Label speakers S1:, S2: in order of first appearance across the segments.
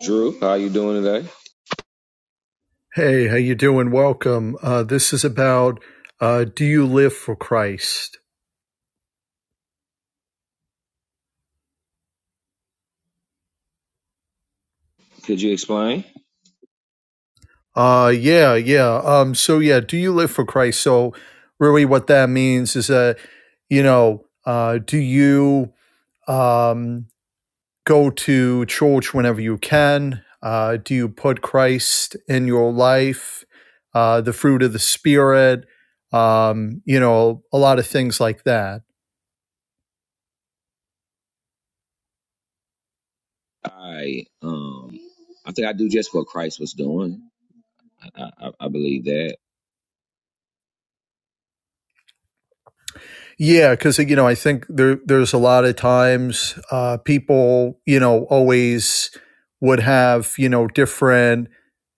S1: Drew, how you doing today?
S2: Hey, how you doing? Welcome. Uh, this is about uh, do you live for Christ?
S1: Could you explain?
S2: Uh, yeah, yeah. Um, so yeah, do you live for Christ? So really, what that means is that you know, uh, do you um, go to church whenever you can? Uh, do you put Christ in your life? Uh, the fruit of the Spirit. Um, you know, a lot of things like that.
S1: I um, I think I do just what Christ was doing. I I, I believe that.
S2: Yeah, because you know, I think there there's a lot of times uh, people, you know, always would have you know different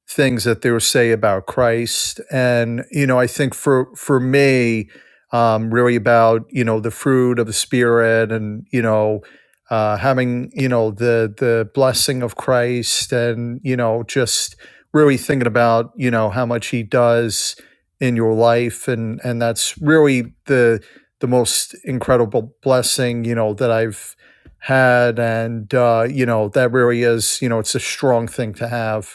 S2: things that they will say about Christ. And, you know, I think for, for me, um, really about, you know, the fruit of the spirit and, you know, uh, having, you know, the, the blessing of Christ and, you know, just really thinking about, you know, how much he does in your life. And, and that's really the, the most incredible blessing, you know, that I've had. And, uh, you know, that really is, you know, it's a strong thing to have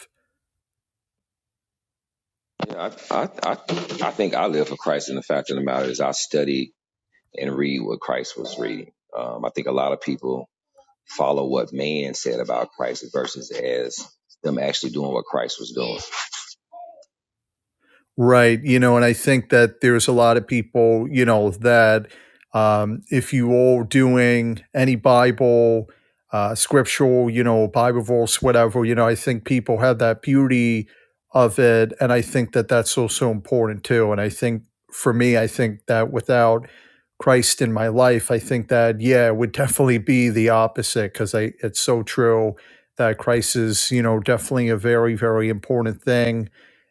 S1: Yeah, I, I I I think I live for Christ, and the fact of the matter is, I study and read what Christ was reading. Um, I think a lot of people follow what man said about Christ versus as them actually doing what Christ was doing.
S2: Right. You know, and I think that there's a lot of people, you know, that um, if you all doing any Bible, uh, scriptural, you know, Bible verse, whatever, you know, I think people have that beauty of it. And I think that that's also important too. And I think for me, I think that without Christ in my life, I think that, yeah, it would definitely be the opposite because I, it's so true that Christ is, you know, definitely a very, very important thing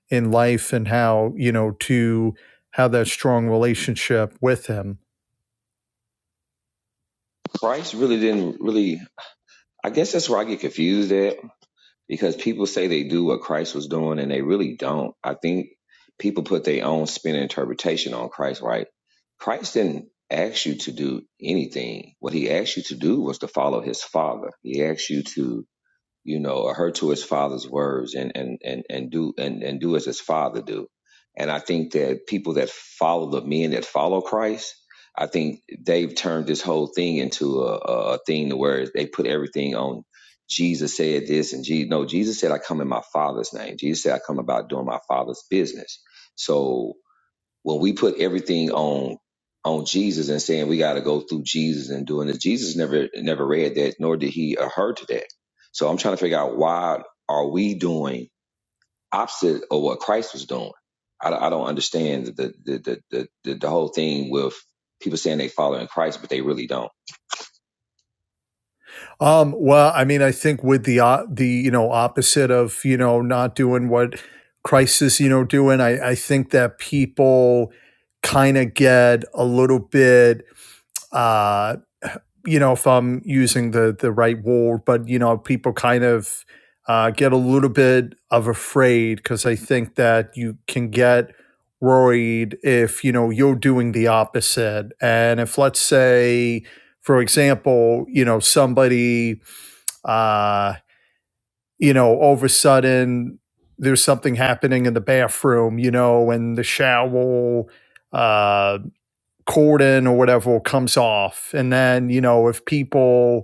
S2: in life and how you know to have that strong relationship with him.
S1: Christ really didn't really. I guess that's where I get confused at because people say they do what Christ was doing and they really don't. I think people put their own spin and interpretation on Christ, right? Christ didn't ask you to do anything. What he asked you to do was to follow his father. He asked you to you know, adhere to his father's words and and and and do and and do as his father do. And I think that people that follow the men that follow Christ, I think they've turned this whole thing into a, a a thing to where they put everything on Jesus said this and Jesus no Jesus said I come in my father's name. Jesus said I come about doing my father's business. So when we put everything on on Jesus and saying we got to go through Jesus and doing this, Jesus never never read that, nor did he adhere to that. So I'm trying to figure out why are we doing opposite of what Christ was doing? I, don't- I don't understand the the, the the the the whole thing with people saying they following Christ, but they really don't.
S2: Um, well, I mean, I think with the uh, the you know opposite of you know not doing what Christ is you know doing, I I think that people kind of get a little bit uh, you know, if I'm using the the right word, but you know, people kind of uh, get a little bit of afraid because I think that you can get worried if you know you're doing the opposite, and if let's say, for example, you know, somebody, uh, you know, all of a sudden there's something happening in the bathroom, you know, in the shower. Uh, cordon or whatever comes off. And then, you know, if people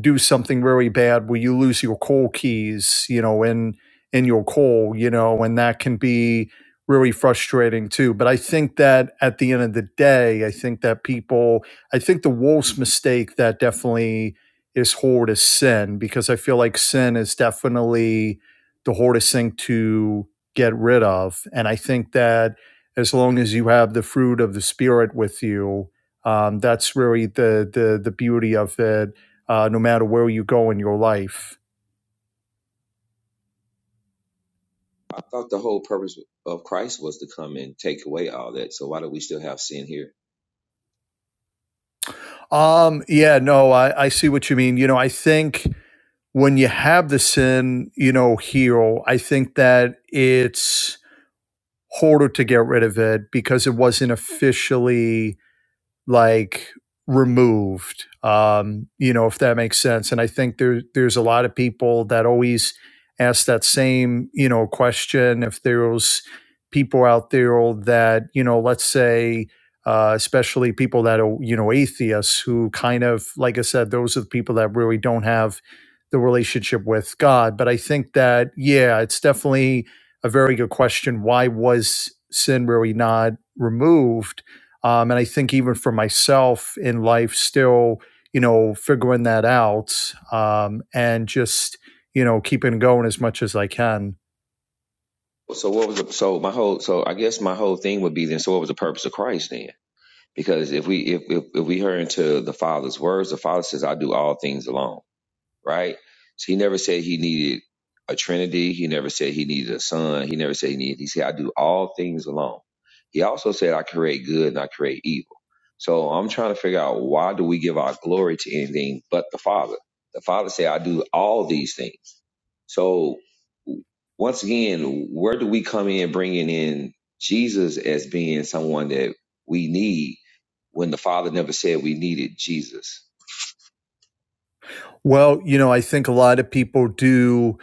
S2: do something really bad where you lose your call keys, you know, in in your call, you know, and that can be really frustrating too. But I think that at the end of the day, I think that people I think the worst mistake that definitely is hard is sin because I feel like sin is definitely the hardest thing to get rid of. And I think that as long as you have the fruit of the spirit with you, um, that's really the the the beauty of it uh, no matter where you go in your life.
S1: I thought the whole purpose of Christ was to come and take away all that. So why do we still have sin here?
S2: Um, yeah, no, I, I see what you mean. You know, I think when you have the sin, you know, heal. I think that it's harder to get rid of it because it wasn't officially like removed um you know if that makes sense and i think there there's a lot of people that always ask that same you know question if there's people out there that you know let's say uh, especially people that are you know atheists who kind of like i said those are the people that really don't have the relationship with god but i think that yeah it's definitely a very good question why was sin really not removed um, and I think even for myself in life, still, you know, figuring that out um, and just, you know, keeping going as much as I can.
S1: So what was the, so my whole so I guess my whole thing would be then. So what was the purpose of Christ then? Because if we if, if if we hurry into the Father's words, the Father says, "I do all things alone." Right? So He never said He needed a Trinity. He never said He needed a Son. He never said He needed. He said, "I do all things alone." He also said, "I create good and I create evil." So I'm trying to figure out why do we give our glory to anything but the Father? The Father said, "I do all these things." So once again, where do we come in bringing in Jesus as being someone that we need when the Father never said we needed Jesus?
S2: Well, you know, I think a lot of people do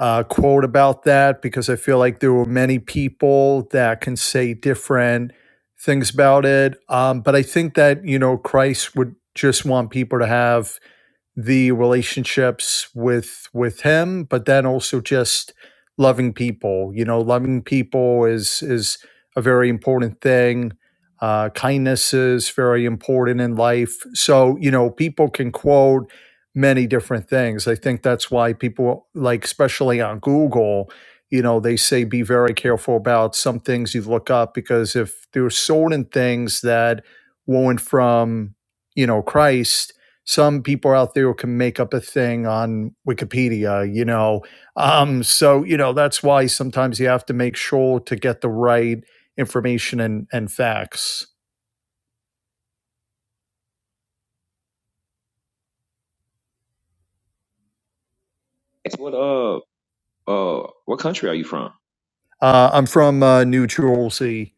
S2: uh, quote about that because I feel like there were many people that can say different things about it. Um, but I think that, you know, Christ would just want people to have the relationships with with him but then also just loving people you know loving people is is a very important thing uh, kindness is very important in life so you know people can quote many different things i think that's why people like especially on google you know they say be very careful about some things you look up because if there's certain things that weren't from you know christ some people out there can make up a thing on Wikipedia, you know. Um, so you know that's why sometimes you have to make sure to get the right information and and facts.
S1: It's what uh uh what country are you from?
S2: Uh, I'm from uh, New Jersey.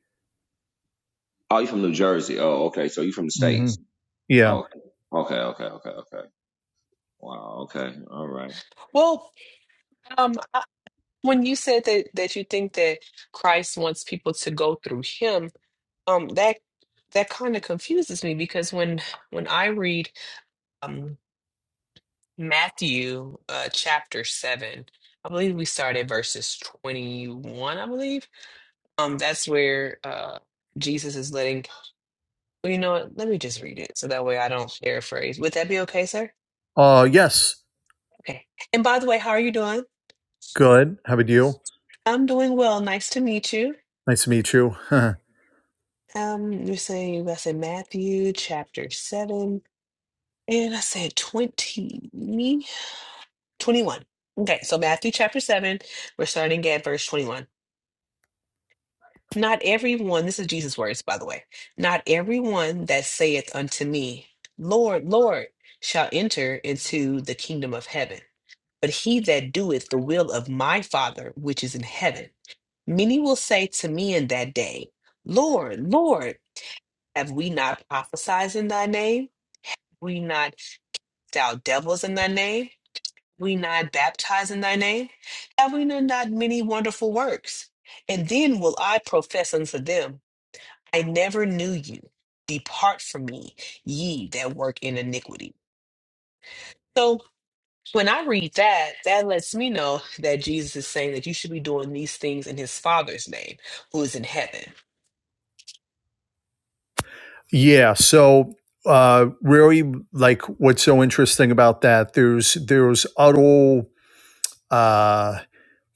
S1: Oh, you from New Jersey. Oh, okay. So you from the
S2: hmm
S1: states.
S2: Yeah.
S1: Oh, okay, okay, okay, okay. Wow. Okay. All right.
S3: Well, um, I- when you said that that you think that Christ wants people to go through him, um, that that kind of confuses me because when when I read um Matthew uh chapter seven, I believe we started verses 21, I believe. Um, that's where uh Jesus is letting, well, you know what, let me just read it so that way I don't paraphrase. Would that be okay, sir?
S2: Uh, yes.
S3: Okay. And by the way, how are you doing?
S2: Good. How about you?
S3: I'm doing well. Nice to meet you.
S2: Nice to meet you.
S3: Um, you're saying that's said Matthew chapter 7, and I said 20, 21. Okay, so Matthew chapter 7, we're starting at verse 21. Not everyone, this is Jesus' words, by the way, not everyone that saith unto me, Lord, Lord, shall enter into the kingdom of heaven, but he that doeth the will of my Father which is in heaven. Many will say to me in that day, Lord, Lord, have we not prophesied in thy name? we not thou devils in thy name, we not baptize in thy name, Have we know not many wonderful works. And then will I profess unto them, I never knew you. Depart from me, ye that work in iniquity. So when I read that, that lets me know that Jesus is saying that you should be doing these things in his Father's name, who is in heaven.
S2: yeah. So uh, really, like, what's so interesting about that? There's there's utter uh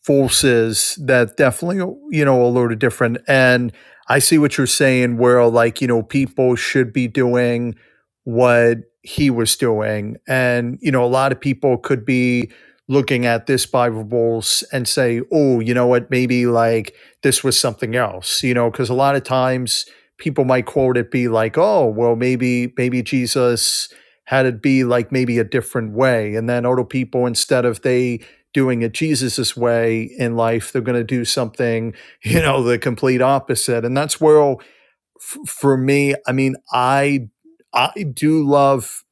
S2: forces that definitely you know a load of different and i see what you're saying where like you know people should be doing what he was doing and you know a lot of people could be looking at this bible verse and say oh you know what maybe like this was something else you know because a lot of times people might quote it be like oh well maybe maybe jesus had it be like maybe a different way and then other people instead of they doing it Jesus's way in life. They're going to do something, you know, the complete opposite. And that's where, f- for me, I mean, I I do love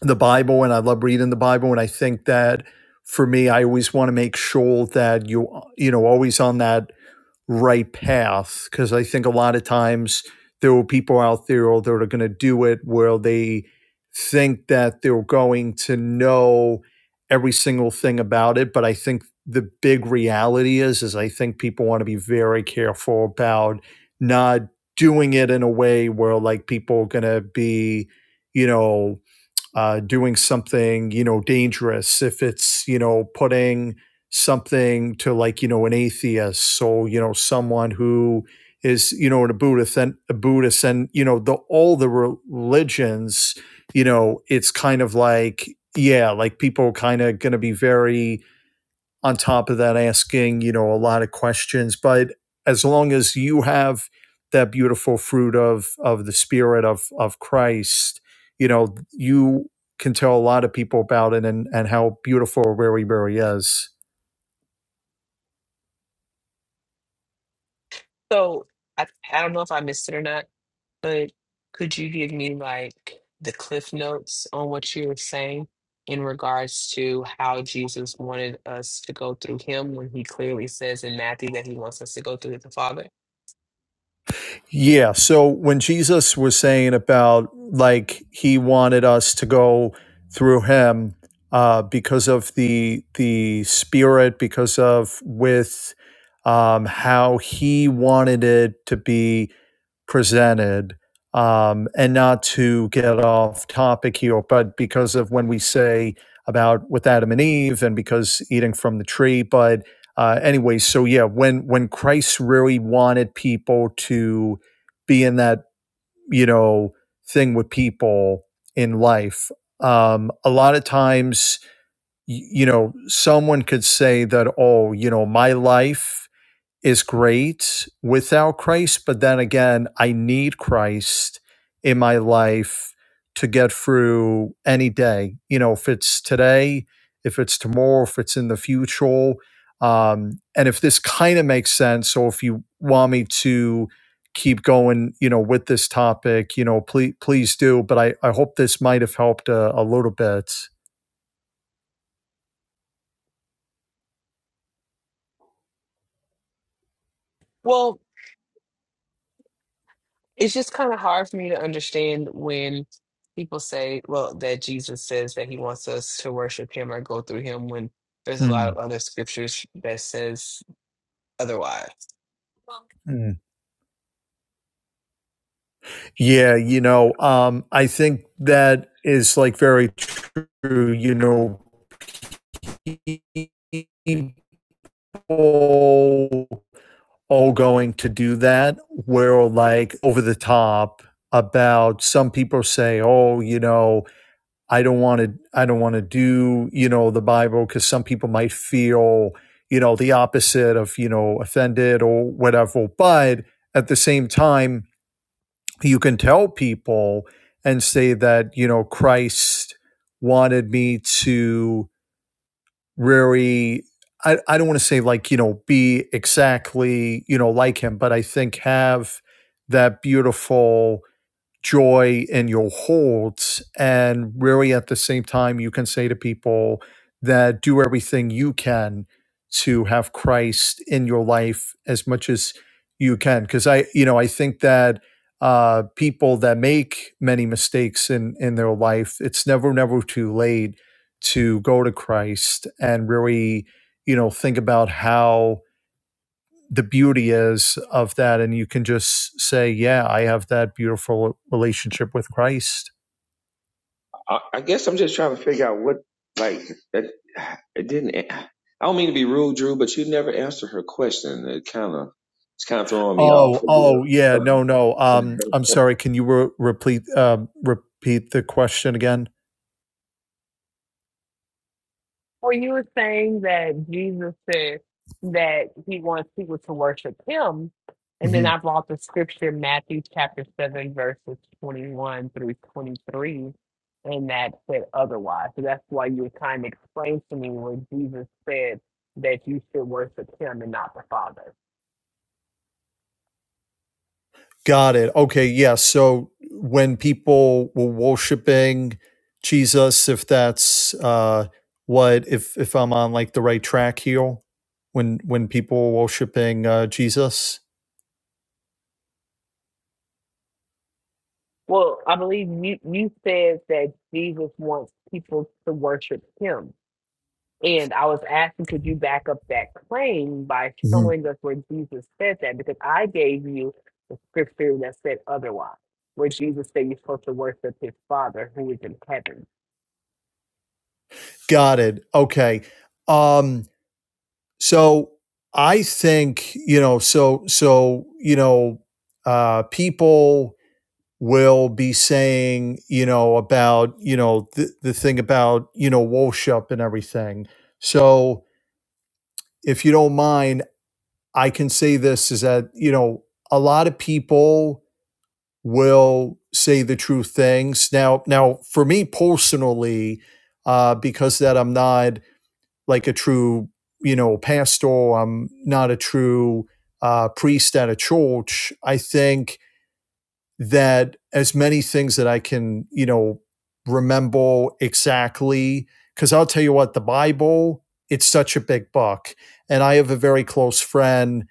S2: the Bible and I love reading the Bible, and I think that for me, I always want to make sure that you you know always on that right path because I think a lot of times there are people out there that are going to do it where they think that they're going to know every single thing about it. But I think the big reality is, is I think people want to be very careful about not doing it in a way where like people are going to be, you know, uh, doing something you know dangerous if it's you know putting something to like you know an atheist so you know someone who is you know a buddhist and a buddhist and you know the all the religions you know it's kind of like yeah like people kind of going to be very on top of that asking you know a lot of questions but as long as you have that beautiful fruit of of the spirit of of christ you know you can tell a lot of people about it and and how beautiful really really is
S3: So I, I don't know if I missed it or not But could you give me like the cliff notes on what you were saying in regards to how Jesus wanted us to go through him when he clearly says in Matthew that he wants us to go through the Father?
S2: yeah so when jesus was saying about like he wanted us to go through him uh because of the the spirit because of with um how he wanted it to be presented um, and not to get off topic here, but because of when we say about with Adam and Eve and because eating from the tree, but uh, anyway, so yeah, when when Christ really wanted people to be in that you know thing with people in life, um, a lot of times y- you know someone could say that oh you know my life is great without Christ, but then again, I need Christ in my life to get through any day. You know, if it's today, if it's tomorrow, if it's in the future, um, and if this kind of makes sense, or if you want me to keep going, you know, with this topic, you know, please please do. But I I hope this might have helped a, a little bit.
S3: Well, it's just kind of hard for me to understand when people say, well, that Jesus says that he wants us to worship him or go through him when there's a
S2: Hmm.
S3: lot of other scriptures that says otherwise.
S2: Hmm. Yeah, you know, um, I think that is like very true. You know, people all going to do that. We're like over the top about some people say, "Oh, you know, I don't want to. I don't want to do you know the Bible because some people might feel you know the opposite of you know offended or whatever." But at the same time, you can tell people and say that you know christ wanted me to really i, I don't want to say like you know be exactly you know like him but i think have that beautiful joy in your holds. And really, at the same time, you can say to people that do everything you can to have Christ in your life as much as you can. Because I, you know, I think that uh, people that make many mistakes in in their life, it's never, never too late to go to Christ and really, you know, think about how the beauty is of that and you can just say yeah i have that beautiful relationship with christ
S1: I, I guess I'm just trying to figure out what, like, it, it didn't. I don't mean to be rude, Drew, but you never answered her question. It kind of, it's kind of throwing me
S2: oh
S1: off.
S2: oh yeah no no um i'm sorry can you re- repeat um repeat the question again
S3: Well, you were saying that Jesus said that he wants people to worship him. And then
S2: hmm
S3: I brought the scripture, Matthew chapter 7, verses 21 through 23, and that said otherwise. So that's why you were trying to explain to me what Jesus said that you should worship him and not the Father.
S2: got it okay yeah so when people were worshiping jesus if that's uh what if if i'm on like the right track here when when people were worshiping uh jesus
S3: Well, I believe you, you said that Jesus wants people to worship him. And I was asking, could you back up that claim by
S2: hmm
S3: showing us where Jesus said that? Because I gave you the scripture that said otherwise, where Jesus said you're supposed to worship his Father who is in heaven.
S2: got it okay um So I think, you know, so so, you know, uh people will be saying, you know, about, you know, the, the thing about, you know, Wolshup and everything. So if you don't mind, I can say this is that, you know, a lot of people will say the true things. Now now for me personally, uh, because that I'm not like a true, you know, pastor. I'm not a true uh, priest at a church. I think that as many things that I can, you know, remember exactly. Because I'll tell you what, the Bible, it's such a big book. And I have a very close friend,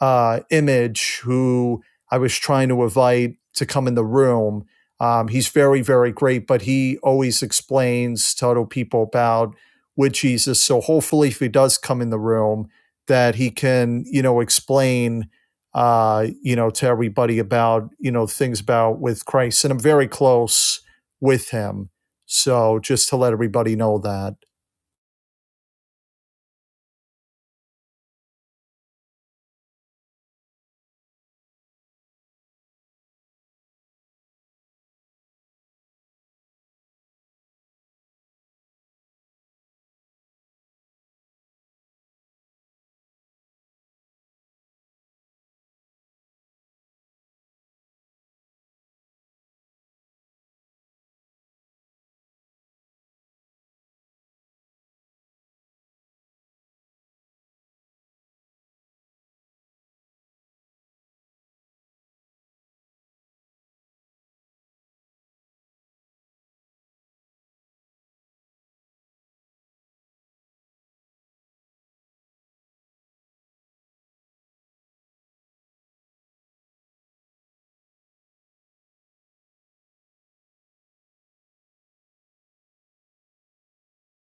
S2: uh, Image, who I was trying to invite to come in the room. Um, he's very, very great, but he always explains to other people about with Jesus. So hopefully, if he does come in the room, that he can, you know, explain uh, you know, to everybody about, you know, things about with Christ. And I'm very close with him. So just to let everybody know that.